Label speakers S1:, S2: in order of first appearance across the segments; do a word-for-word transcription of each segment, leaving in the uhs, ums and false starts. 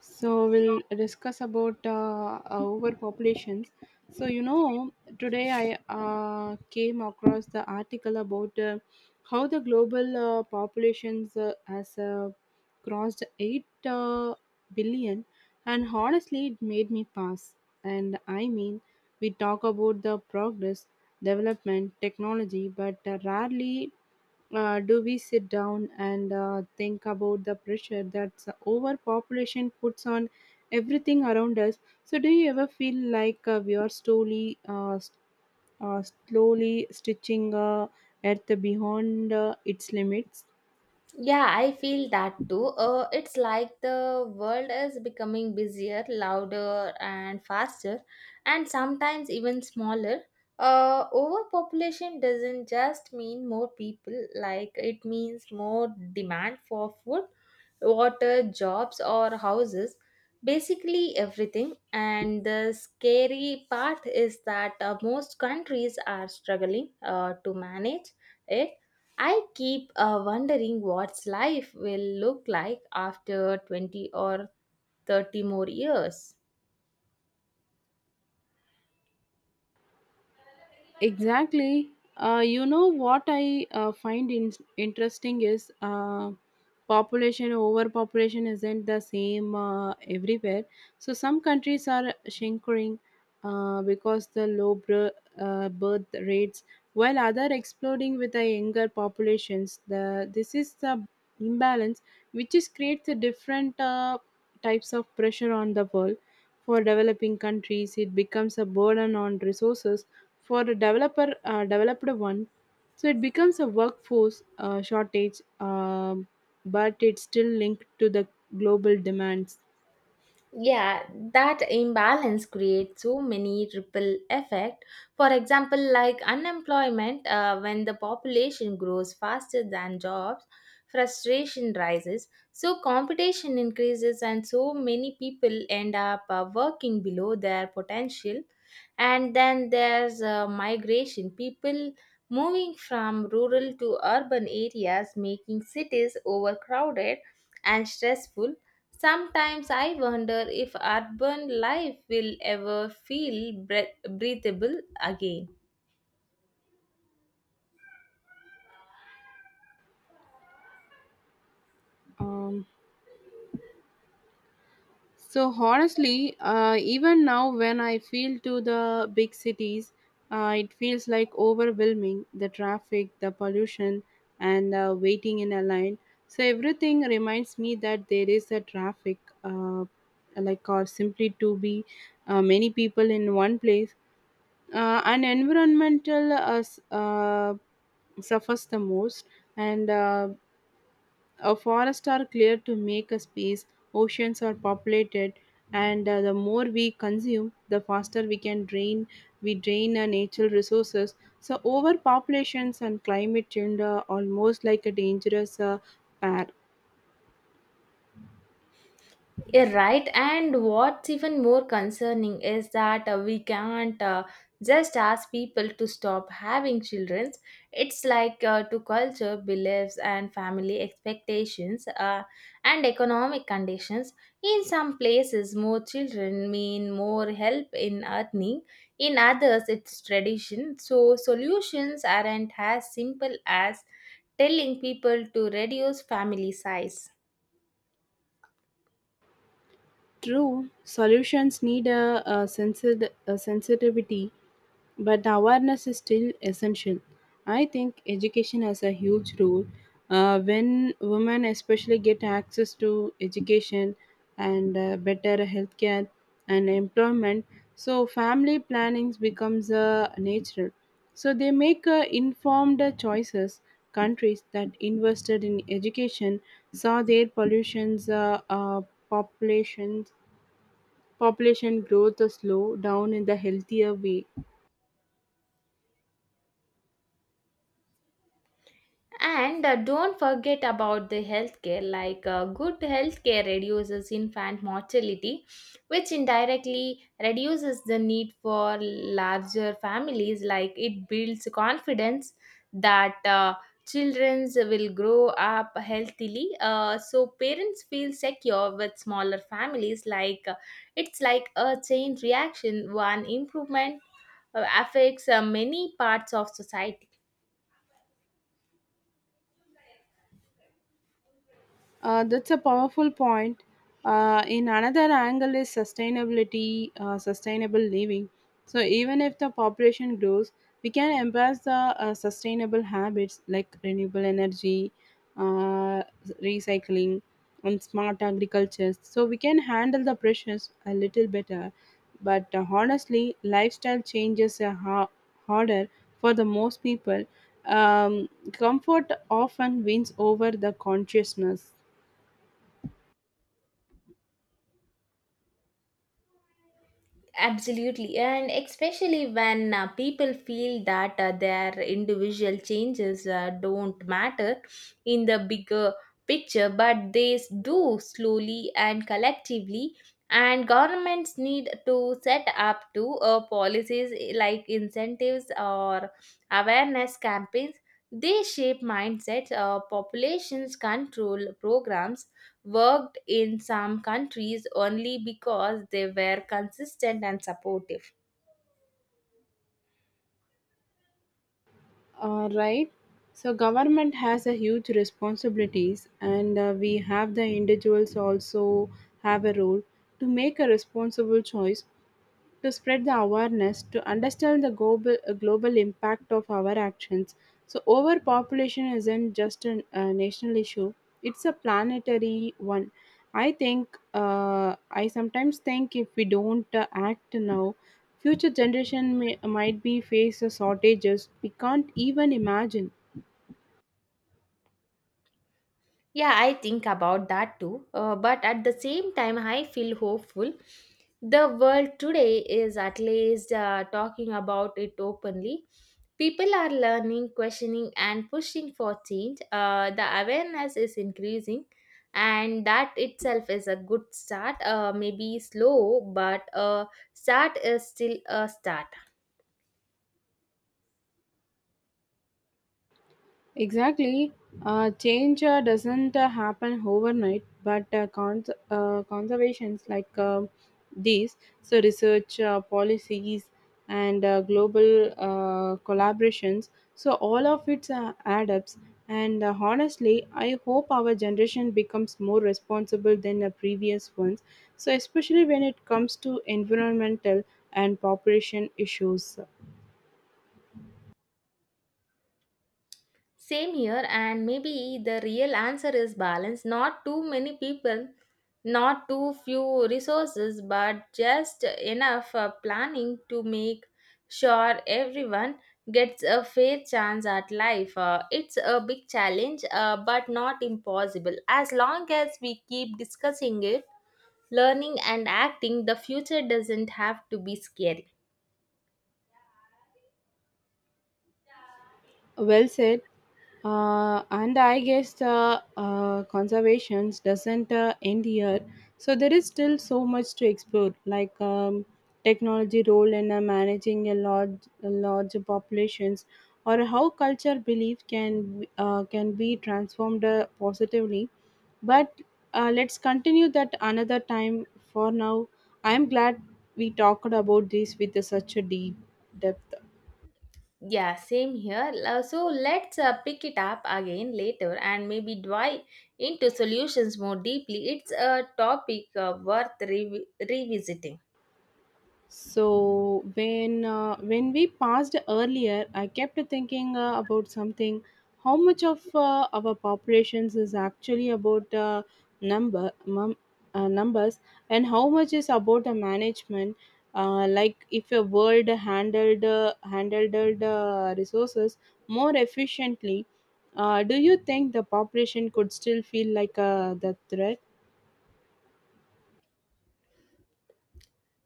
S1: so we'll discuss about uh, uh, overpopulations. so you know Today i uh, came across the article about uh, how the global uh, populations uh, has uh, crossed eight uh, billion, and honestly it made me pass. And i mean we talk about the progress, development, technology, but uh, rarely uh, do we sit down and uh, think about the pressure that the overpopulation puts on everything around us. So, do you ever feel like uh, we are slowly, uh, s- uh, slowly stitching uh, Earth beyond uh, its limits?
S2: Yeah, I feel that too. Uh, it's like the world is becoming busier, louder, and faster, and sometimes even smaller. Uh, overpopulation doesn't just mean more people, like, it means more demand for food, water, jobs, or houses basically everything. And the scary part is that uh, most countries are struggling uh, to manage it. I keep uh, wondering what's life will look like after twenty or thirty more years.
S1: Exactly. Uh, you know what I uh, find in- interesting is uh, population overpopulation isn't the same uh, everywhere. So some countries are shrinking uh, because the low br- uh, birth rates, while other exploding with the younger populations. The this is the imbalance which is creates a different uh, types of pressure on the world. For developing countries, it becomes a burden on resources. For a developer uh, developed one, so it becomes a workforce uh, shortage, um, but it's still linked to the global demands.
S2: Yeah, that imbalance creates so many ripple effect, for example like unemployment, uh, when the population grows faster than jobs, frustration rises, so competition increases and so many people end up uh, working below their potential. And then there's uh, migration, people moving from rural to urban areas, making cities overcrowded and stressful. Sometimes I wonder if urban life will ever feel breath- breathable again.
S1: um, so honestly, uh, even now when I feel to the big cities, uh, it feels like overwhelming, the traffic, the pollution, and uh, waiting in a line. So everything reminds me that there is a traffic, uh, like, or simply to be uh, many people in one place. Uh, and environmental uh, s- uh, suffers the most, and uh, a forest are cleared to make a space, oceans are populated, and uh, the more we consume, the faster we can drain we drain our natural resources. So overpopulations and climate change are almost like a dangerous uh, pair.
S2: Yeah, right. And what's even more concerning is that uh, we can't uh, just ask people to stop having children. It's like uh, to culture, beliefs, and family expectations uh, and economic conditions. In some places, more children mean more help in earning. In others, it's tradition. So, solutions aren't as simple as telling people to reduce family size.
S1: True solutions need a, a, sensit- a sensitivity, but the awareness is still essential. I think education has a huge role. Uh, when women, especially, get access to education and uh, better healthcare and employment, so family planning becomes uh, natural. So they make uh, informed choices. Countries that invested in education saw their pollutions, uh, uh, populations, population growth slow down in the healthier way.
S2: And uh, don't forget about the healthcare. Like uh, good healthcare reduces infant mortality, which indirectly reduces the need for larger families. Like it builds confidence that uh, children will grow up healthily. Uh, so parents feel secure with smaller families. Like uh, it's like a chain reaction. One improvement uh, affects uh, many parts of society.
S1: Uh, that's a powerful point. Uh, in another angle is sustainability, uh, sustainable living. So even if the population grows, we can embrace the uh, sustainable habits like renewable energy, uh, recycling, and smart agriculture. So we can handle the pressures a little better. But uh, honestly, lifestyle changes are ha- harder for the most people. Um, comfort often wins over the consciousness.
S2: Absolutely, and especially when uh, people feel that uh, their individual changes uh, don't matter in the bigger picture, but they s- do slowly and collectively. And governments need to set up to uh, policies, eh, like incentives or awareness campaigns. They shape mindsets, uh, populations control programs, worked in some countries only because they were consistent and supportive.
S1: Uh, right. So government has a huge responsibilities, and uh, we have the individuals also have a role to make a responsible choice, to spread the awareness, to understand the global uh, global impact of our actions. So overpopulation isn't just an, a national issue, it's a planetary one. I think uh, i sometimes think if we don't uh, act now, future generation may, might be face a shortages we can't even imagine.
S2: Yeah, I think about that too. Uh, but at the same time, I feel hopeful. The world today is at least uh, talking about it openly. People are learning, questioning, and pushing for change. Uh, the awareness is increasing, and that itself is a good start. Uh, maybe slow, but a start is still a start.
S1: Exactly. Uh, change uh, doesn't uh, happen overnight, but uh, cons- uh, conservations like um these, so research, uh, policies, and uh, global uh, collaborations, so all of it uh, add ups. And uh, honestly, I hope our generation becomes more responsible than the previous ones, so especially when it comes to environmental and population issues.
S2: Same here, and maybe the real answer is balance. Not too many people, not too few resources, but just enough uh, planning to make sure everyone gets a fair chance at life. Uh, it's a big challenge, uh, but not impossible. As long as we keep discussing it, learning, and acting, the future doesn't have to be scary.
S1: Well said. Uh, and I guess the uh, conservations doesn't uh, end here. So there is still so much to explore, like um, technology role in uh, managing a large, a large populations, or how culture belief can uh, can be transformed uh, positively. But uh, let's continue that another time. For now, I am glad we talked about this with such a deep depth.
S2: Yeah, same here. Uh, So let's uh, pick it up again later and maybe dive into solutions more deeply. It's a topic uh, worth revi revisiting.
S1: So when uh, when we passed earlier, I kept thinking uh, about something. How much of uh, our populations is actually about uh, number mum, uh, numbers, and how much is about the management? Uh, like if a world handled uh, handled uh, resources more efficiently, uh, do you think the population could still feel like uh, the threat?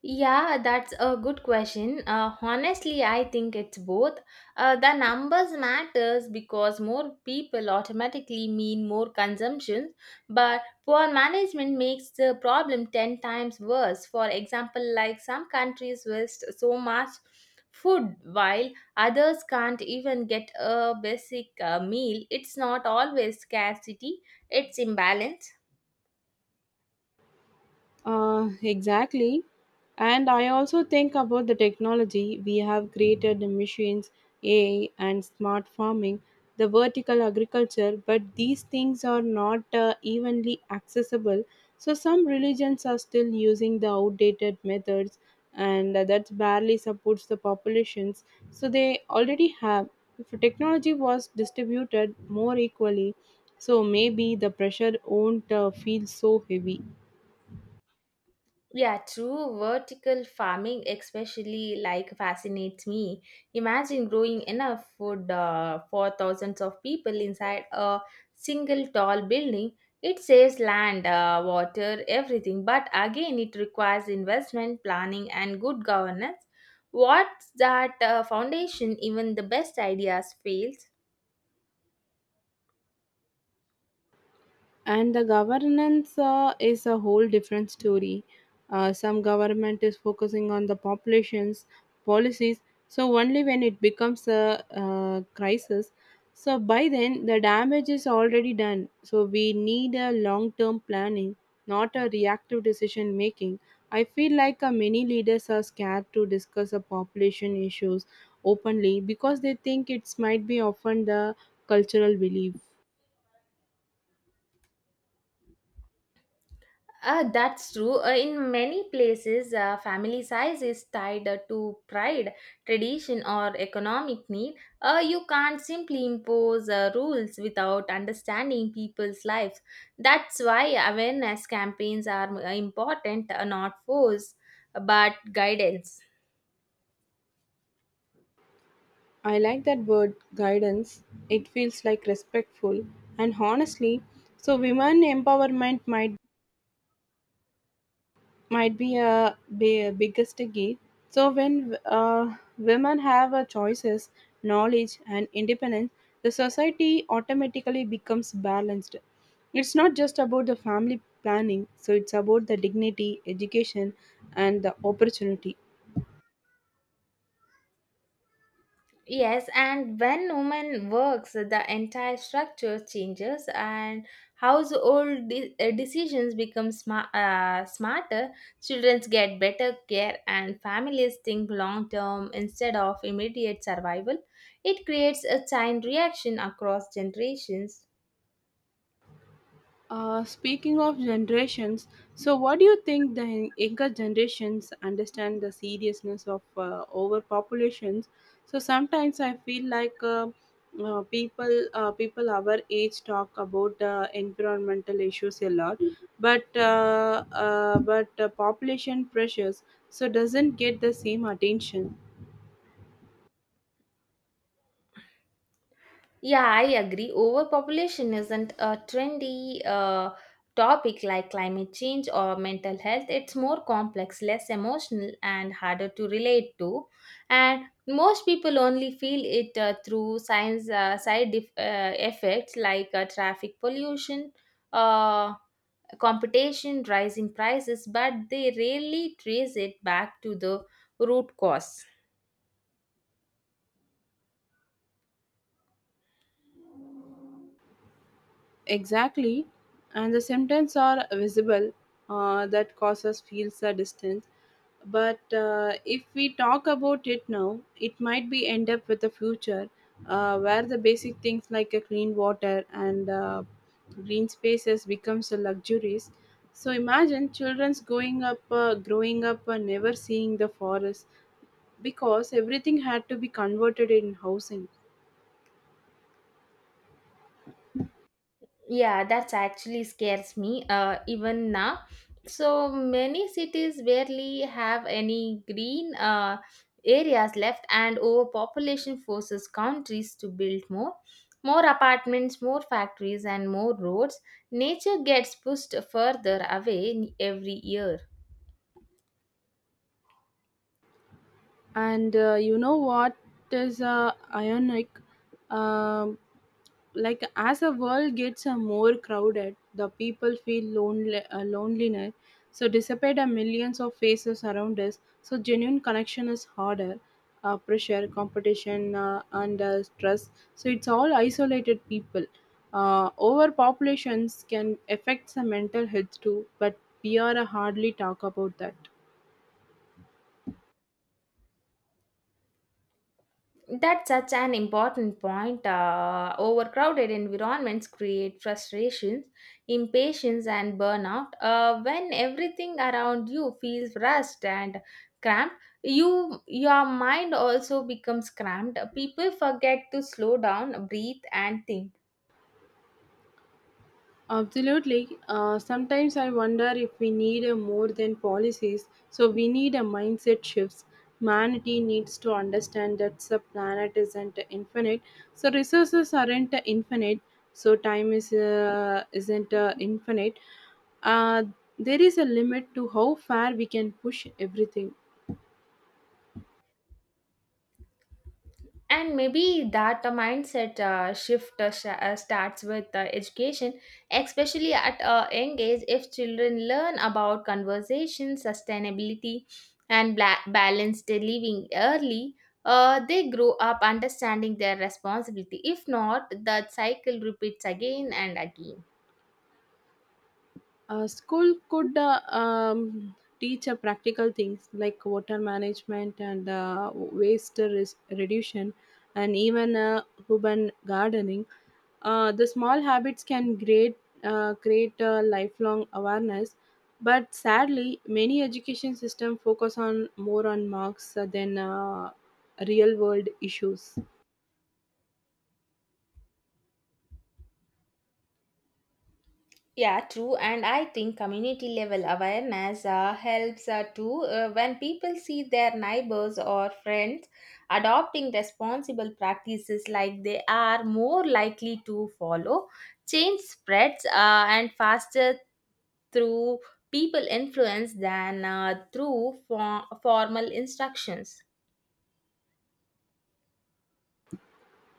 S2: Yeah, that's a good question. Uh, honestly, I think it's both. Uh, the numbers matters because more people automatically mean more consumption, but poor management makes the problem ten times worse. For example, like some countries waste so much food while others can't even get a basic uh, meal. It's not always scarcity, it's imbalance.
S1: Uh, exactly. And I also think about the technology we have created, the machines, A I, and smart farming, the vertical agriculture, but these things are not uh, evenly accessible. So some religions are still using the outdated methods, and uh, that barely supports the populations. So they already have. If technology was distributed more equally, so maybe the pressure won't uh, feel so heavy.
S2: Yeah, true. Vertical farming, especially, like fascinates me. Imagine growing enough food uh, for thousands of people inside a single tall building. It saves land, uh, water, everything. But again, it requires investment, planning, and good governance. What's that uh, foundation? Even the best ideas fails.
S1: And the governance uh, is a whole different story. Uh, some government is focusing on the population's policies so only when it becomes a uh, crisis. So by then the damage is already done, so we need a long term planning, not a reactive decision making. I feel like uh, many leaders are scared to discuss a population issues openly because they think it might be often the cultural belief.
S2: Uh, that's true. Uh, in many places, uh, family size is tied uh, to pride, tradition, or economic need. Uh, you can't simply impose uh, rules without understanding people's lives. That's why awareness campaigns are uh, important, uh, not force, but guidance.
S1: I like that word guidance. It feels like respectful and honestly, so women empowerment might might be a, be a biggest key. So when uh, women have a choices, knowledge, and independence, the society automatically becomes balanced. It's not just about the family planning, so it's about the dignity, education, and the opportunity.
S2: Yes, and when woman works, the entire structure changes, and household de- uh, decisions become sma- uh, smarter. Children get better care, and families think long term instead of immediate survival. It creates a chain reaction across generations.
S1: Uh, speaking of generations, so what do you think the younger generations understand the seriousness of uh, overpopulations? So sometimes I feel like uh, uh, people uh, people our age talk about uh, environmental issues a lot, but uh, uh, but uh, population pressures so doesn't get the same attention.
S2: Yeah, I agree. Overpopulation isn't a trendy uh, topic like climate change or mental health. It's more complex, less emotional, and harder to relate to. And most people only feel it uh, through science uh, side def- uh, effects like uh, traffic pollution, uh, competition, rising prices, but they rarely trace it back to the root cause.
S1: Exactly, and the symptoms are visible, uh, that causes feels a distance. But uh, if we talk about it now, it might be end up with the future uh, where the basic things like a clean water and uh, green spaces becomes a luxuries. So imagine children's going up, uh, growing up, and never seeing the forest because everything had to be converted in housing.
S2: Yeah, that's actually scares me uh, even now, so many cities barely have any green uh, areas left, and overpopulation forces countries to build more more apartments, more factories, and more roads. Nature gets pushed further away every year.
S1: And uh, you know what is uh, ionic, um, like as a world gets uh, more crowded, the people feel lonely uh, loneliness, so dissipate the millions of faces around us, so genuine connection is harder. Uh, pressure, competition, uh, and uh, stress, so it's all isolated people. Uh, overpopulations can affect the mental health too, but we are uh, hardly talk about that.
S2: That's such an important point. Uh, overcrowded environments create frustrations, impatience, and burnout. Uh, when everything around you feels rushed and cramped, you your mind also becomes cramped. People forget to slow down, breathe, and think.
S1: Absolutely. Uh, sometimes I wonder if we need a more than policies. So we need a mindset shifts. Humanity needs to understand that the planet isn't infinite. So resources aren't infinite. So time is uh, isn't uh, infinite. Uh, there is a limit to how far we can push everything.
S2: And maybe that uh, mindset uh, shift uh, sh- uh, starts with uh, education, especially at a young age. If children learn about conversation, sustainability, and bla- balanced living early, uh, they grow up understanding their responsibility. If not, the cycle repeats again and again.
S1: Uh, school could uh, um, teach uh, practical things like water management, and uh, waste res- reduction, and even uh, urban gardening. Uh, the small habits can create, uh, create a lifelong awareness. But sadly, many education systems focus on more on marks uh, than uh, real world issues.
S2: Yeah, true. And I think community level awareness uh, helps uh, too. Uh, when people see their neighbors or friends adopting responsible practices, like, they are more likely to follow. Change spreads uh, and faster through people influence than uh, through for- formal instructions.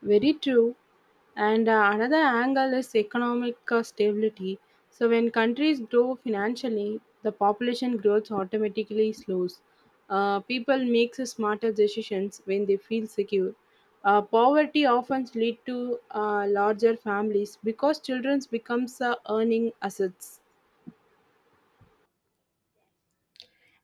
S1: Very true. And uh, another angle is economic uh, stability. So, when countries grow financially, the population growth automatically slows. Uh, people make smarter decisions when they feel secure. Uh, poverty often leads to uh, larger families because children becomes uh, earning assets.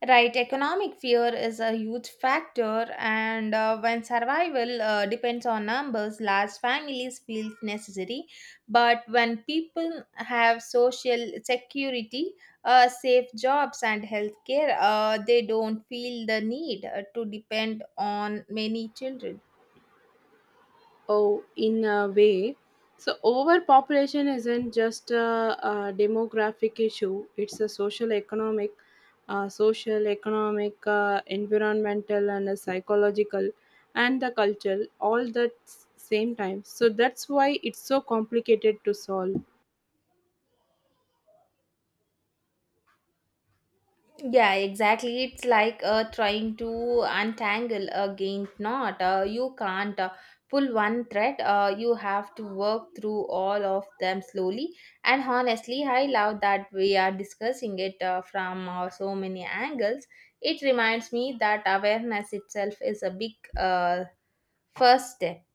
S2: Right, economic fear is a huge factor, and uh, when survival uh, depends on numbers, large families feel necessary. But when people have social security, uh, safe jobs, and healthcare, uh, they don't feel the need uh, to depend on many children.
S1: Oh, in a way. So, overpopulation isn't just a, a demographic issue, it's a social, economic, uh, social, economic, uh, environmental, and a psychological, and the cultural, all that s- same time. So, that's why it's so complicated to solve.
S2: Yeah, exactly. It's like uh, trying to untangle a giant knot. Uh, you can't uh, pull one thread. Uh, you have to work through all of them slowly. And honestly, I love that we are discussing it uh, from uh, so many angles. It reminds me that awareness itself is a big uh, first step.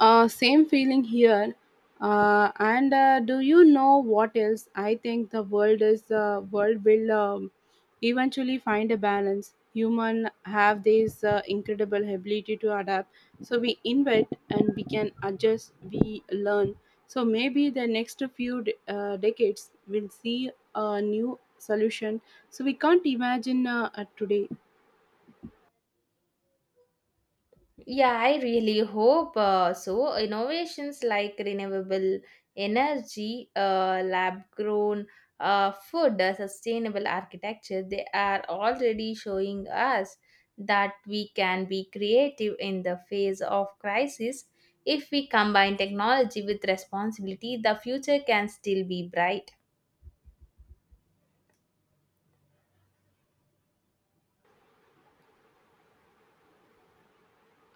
S1: Uh, same feeling here. Uh, and uh, do you know what else? I think the world is uh, world will um, eventually find a balance. Human have this uh, incredible ability to adapt. So we invent and we can adjust. We learn. So maybe the next few d- uh, decades will see a new solution. So we can't imagine uh, uh, today.
S2: Yeah, I really hope uh, so. Innovations like renewable energy, uh, lab grown uh, food, uh, sustainable architecture, they are already showing us that we can be creative in the face of crisis. If we combine technology with responsibility, the future can still be bright.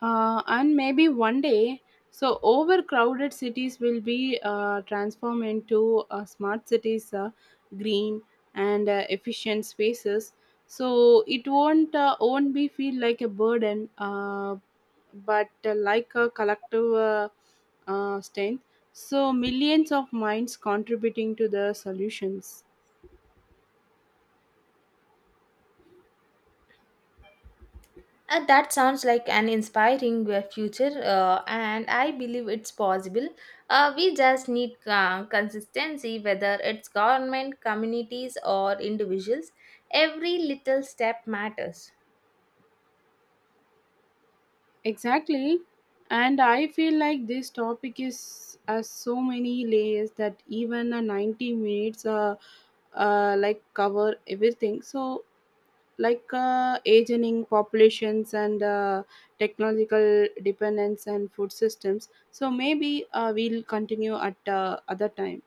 S1: Uh, and maybe one day, so overcrowded cities will be uh, transformed into uh, smart cities, uh, green and uh, efficient spaces. So it won't uh, won't be feel like a burden, uh, but uh, like a collective uh, uh, strength. So millions of minds contributing to the solutions.
S2: Uh, that sounds like an inspiring uh, future, uh, and I believe it's possible. Uh, we just need uh, consistency, whether it's government, communities, or individuals. Every little step matters.
S1: Exactly. And I feel like this topic is has so many layers that even a ninety minutes uh, uh, like cover everything. So like uh, aging populations, and uh, technological dependence, and food systems. So maybe uh, we'll continue at uh, other time.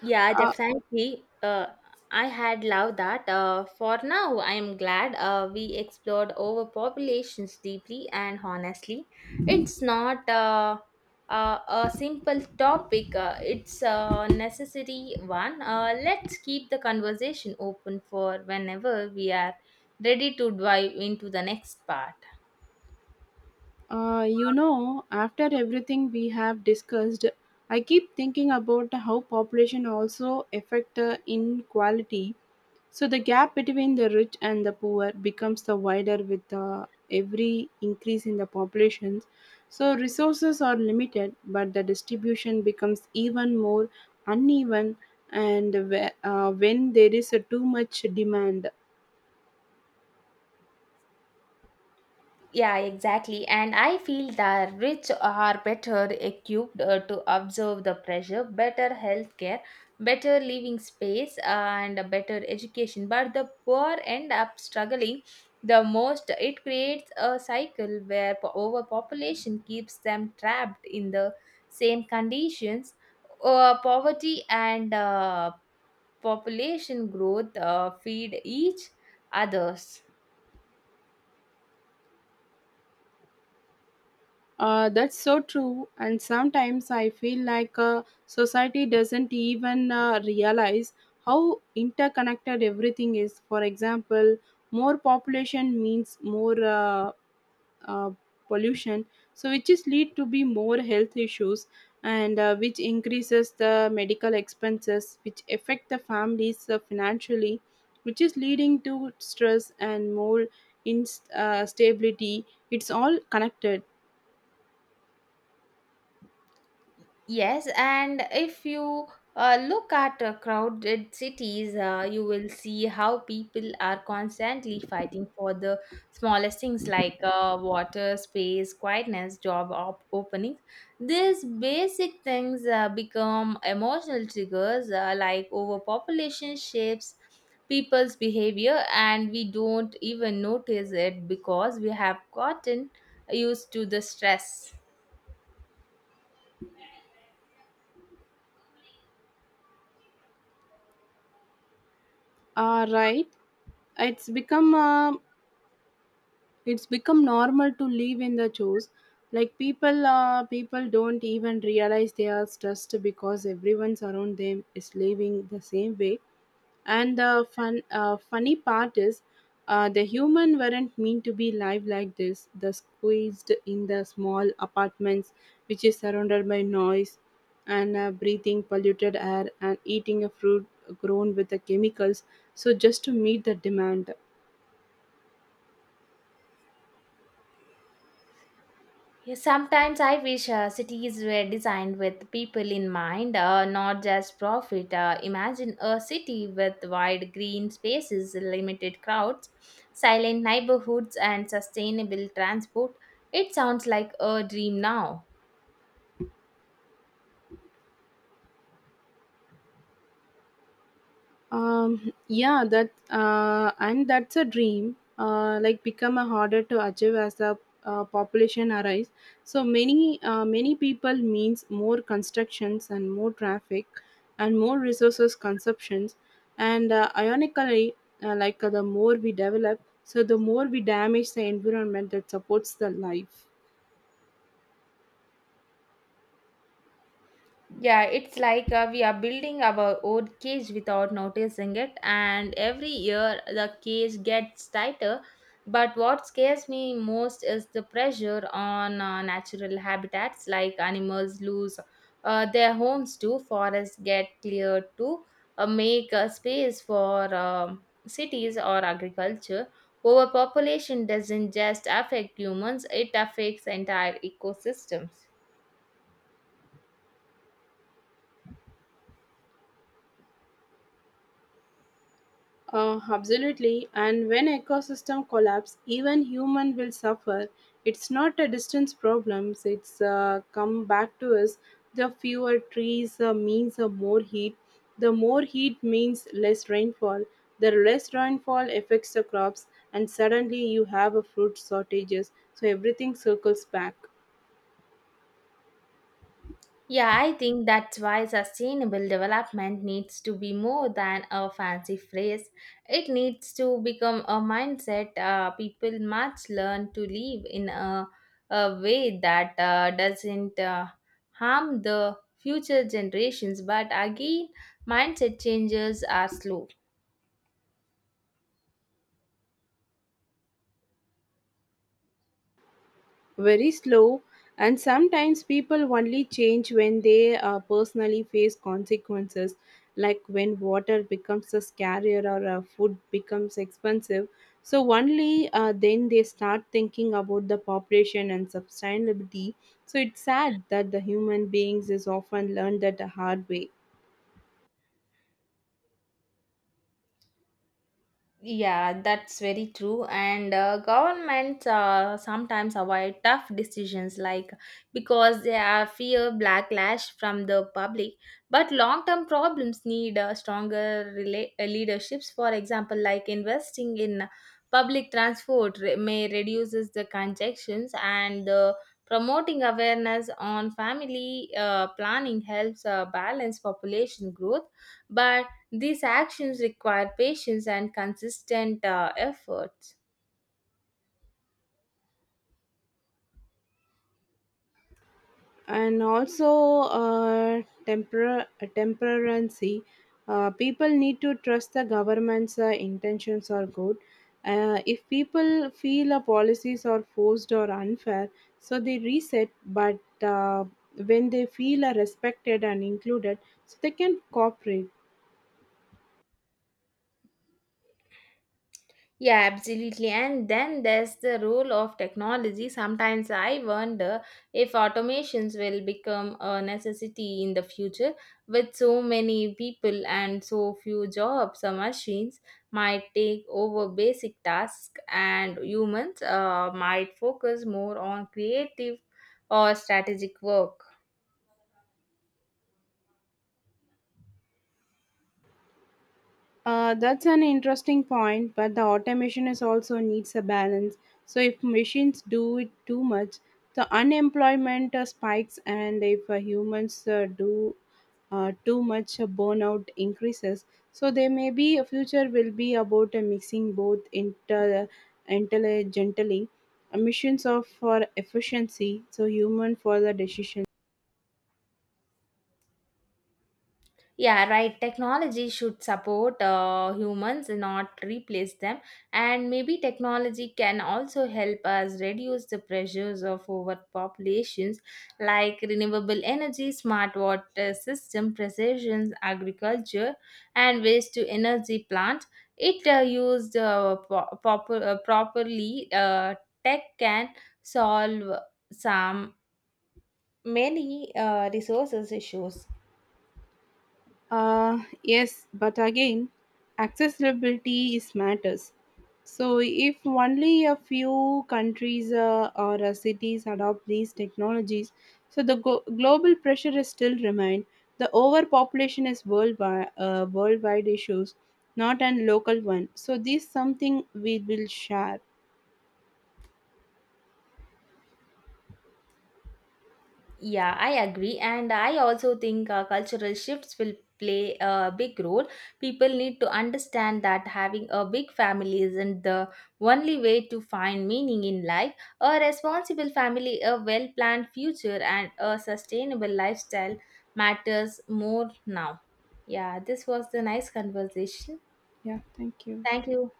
S2: Yeah,
S1: Uh,
S2: definitely. Uh, I had loved that. Uh, for now, I am glad uh, we explored overpopulations deeply and honestly. It's not uh, uh, a simple topic, uh, it's a necessary one. Uh, let's keep the conversation open for whenever we are ready to dive into the next part.
S1: uh, you know, after everything we have discussed, I keep thinking about how population also affect uh, inequality. So the gap between the rich and the poor becomes the wider with uh, every increase in the populations. So resources are limited, but the distribution becomes even more uneven. And whe- uh, when there is a too much demand,
S2: Yeah, exactly. And I feel the rich are better equipped uh, to observe the pressure, better healthcare, better living space, uh, and a better education. But the poor end up struggling the most. It creates a cycle where po- overpopulation keeps them trapped in the same conditions. Uh, poverty and uh, population growth uh, feed each others.
S1: uh, that's so true. And sometimes I feel like uh, society doesn't even uh, realize how interconnected everything is. For example, more population means more. Uh, uh, Pollution, so which is lead to be more health issues, and uh, which increases the medical expenses, which affect the families uh, financially, which is leading to stress and more instability uh, stability. It's all connected.
S2: Yes, and if you uh, look at uh, crowded cities, uh, you will see how people are constantly fighting for the smallest things like uh, water, space, quietness, job op- openings. These basic things uh, become emotional triggers, uh, like overpopulation shapes people's behavior, and we don't even notice it because we have gotten used to the stress.
S1: Uh, right. it's become uh, it's become normal to live in the chores. Like people uh, people don't even realize they are stressed because everyone's around them is living the same way. And the fun, uh, funny part is, uh, the human weren't meant to be live like this. The squeezed in the small apartments, which is surrounded by noise, and uh, breathing polluted air, and eating a fruit grown with the chemicals. So just to meet the demand.
S2: Yeah, sometimes I wish uh, cities were designed with people in mind, uh, not just profit. Uh, imagine a city with wide green spaces, limited crowds, silent neighborhoods, and sustainable transport. It sounds like a dream now.
S1: Um yeah, that uh, and that's a dream uh, like become a harder to achieve as a uh, population arise. So many uh, many people means more constructions, and more traffic, and more resources consumptions. And uh, ironically, uh, like uh, the more we develop, so the more we damage the environment that supports the life.
S2: Yeah, it's like uh, we are building our own cage without noticing it, and every year the cage gets tighter. But what scares me most is the pressure on uh, natural habitats, like animals lose uh, their homes too, forests get cleared to uh, make uh, space for um cities or agriculture. Overpopulation doesn't just affect humans, it affects entire ecosystems.
S1: Uh, absolutely. And when ecosystem collapse, even human will suffer. It's not a distance problem. It's uh, come back to us. The fewer trees uh, means uh, more heat. The more heat means less rainfall. The less rainfall affects the crops, and suddenly you have a fruit shortages. So everything circles back.
S2: Yeah, I think that's why sustainable development needs to be more than a fancy phrase. It needs to become a mindset, uh, people must learn to live in a, a way that uh, doesn't uh, harm the future generations. But again, mindset changes are slow.
S1: Very slow, and sometimes people only change when they uh, personally face consequences, like when water becomes a scarcer, or uh, food becomes expensive. So, only uh, then they start thinking about the population and sustainability. So, it's sad that the human beings is often learned that the hard way.
S2: Yeah, that's very true. And uh, governments uh, sometimes avoid tough decisions, like, because they are fear backlash from the public. But long-term problems need uh, stronger rela- uh, leaderships. For example, like investing in public transport re- may reduces the congestions, and the promoting awareness on family uh, planning helps uh, balance population growth, but these actions require patience and consistent uh, efforts.
S1: And also uh, temper- temperancy. Uh, people need to trust the government's uh, intentions are good. Uh, if people feel a policies are forced or unfair, so they reset. But uh, when they feel are respected and included, so they can cooperate.
S2: Yeah, absolutely. And then there's the role of technology. Sometimes I wonder if automations will become a necessity in the future. With so many people and so few jobs, uh, machines might take over basic tasks, and humans uh, might focus more on creative or strategic work.
S1: Uh, that's an interesting point, but the automation is also needs a balance. So if machines do it too much, the unemployment uh, spikes, and if uh, humans uh, do uh, too much, uh, burnout increases. So there may be a future will be about uh, mixing both inter uh, intelligently, uh, missions of for efficiency, so human for the decision.
S2: Yeah, right. Technology should support uh, humans, not replace them. And maybe technology can also help us reduce the pressures of overpopulations, like renewable energy, smart water system, precision agriculture, and waste to energy plant. It uh, used uh, po- proper, uh, properly, uh, tech can solve some many uh, resources issues.
S1: Uh, yes, but again, accessibility is matters. So if only a few countries uh, or uh, cities adopt these technologies, so the go- global pressure is still remain. The overpopulation is worldwide, uh, worldwide issues, not an local one. So this something we will share.
S2: Yeah, I agree. And I also think uh, cultural shifts will play a big role. People need to understand that having a big family isn't the only way to find meaning in life. A responsible family, a well planned future, and a sustainable lifestyle matters more now. Yeah, this was the nice conversation.
S1: Yeah, thank you.
S2: Thank you.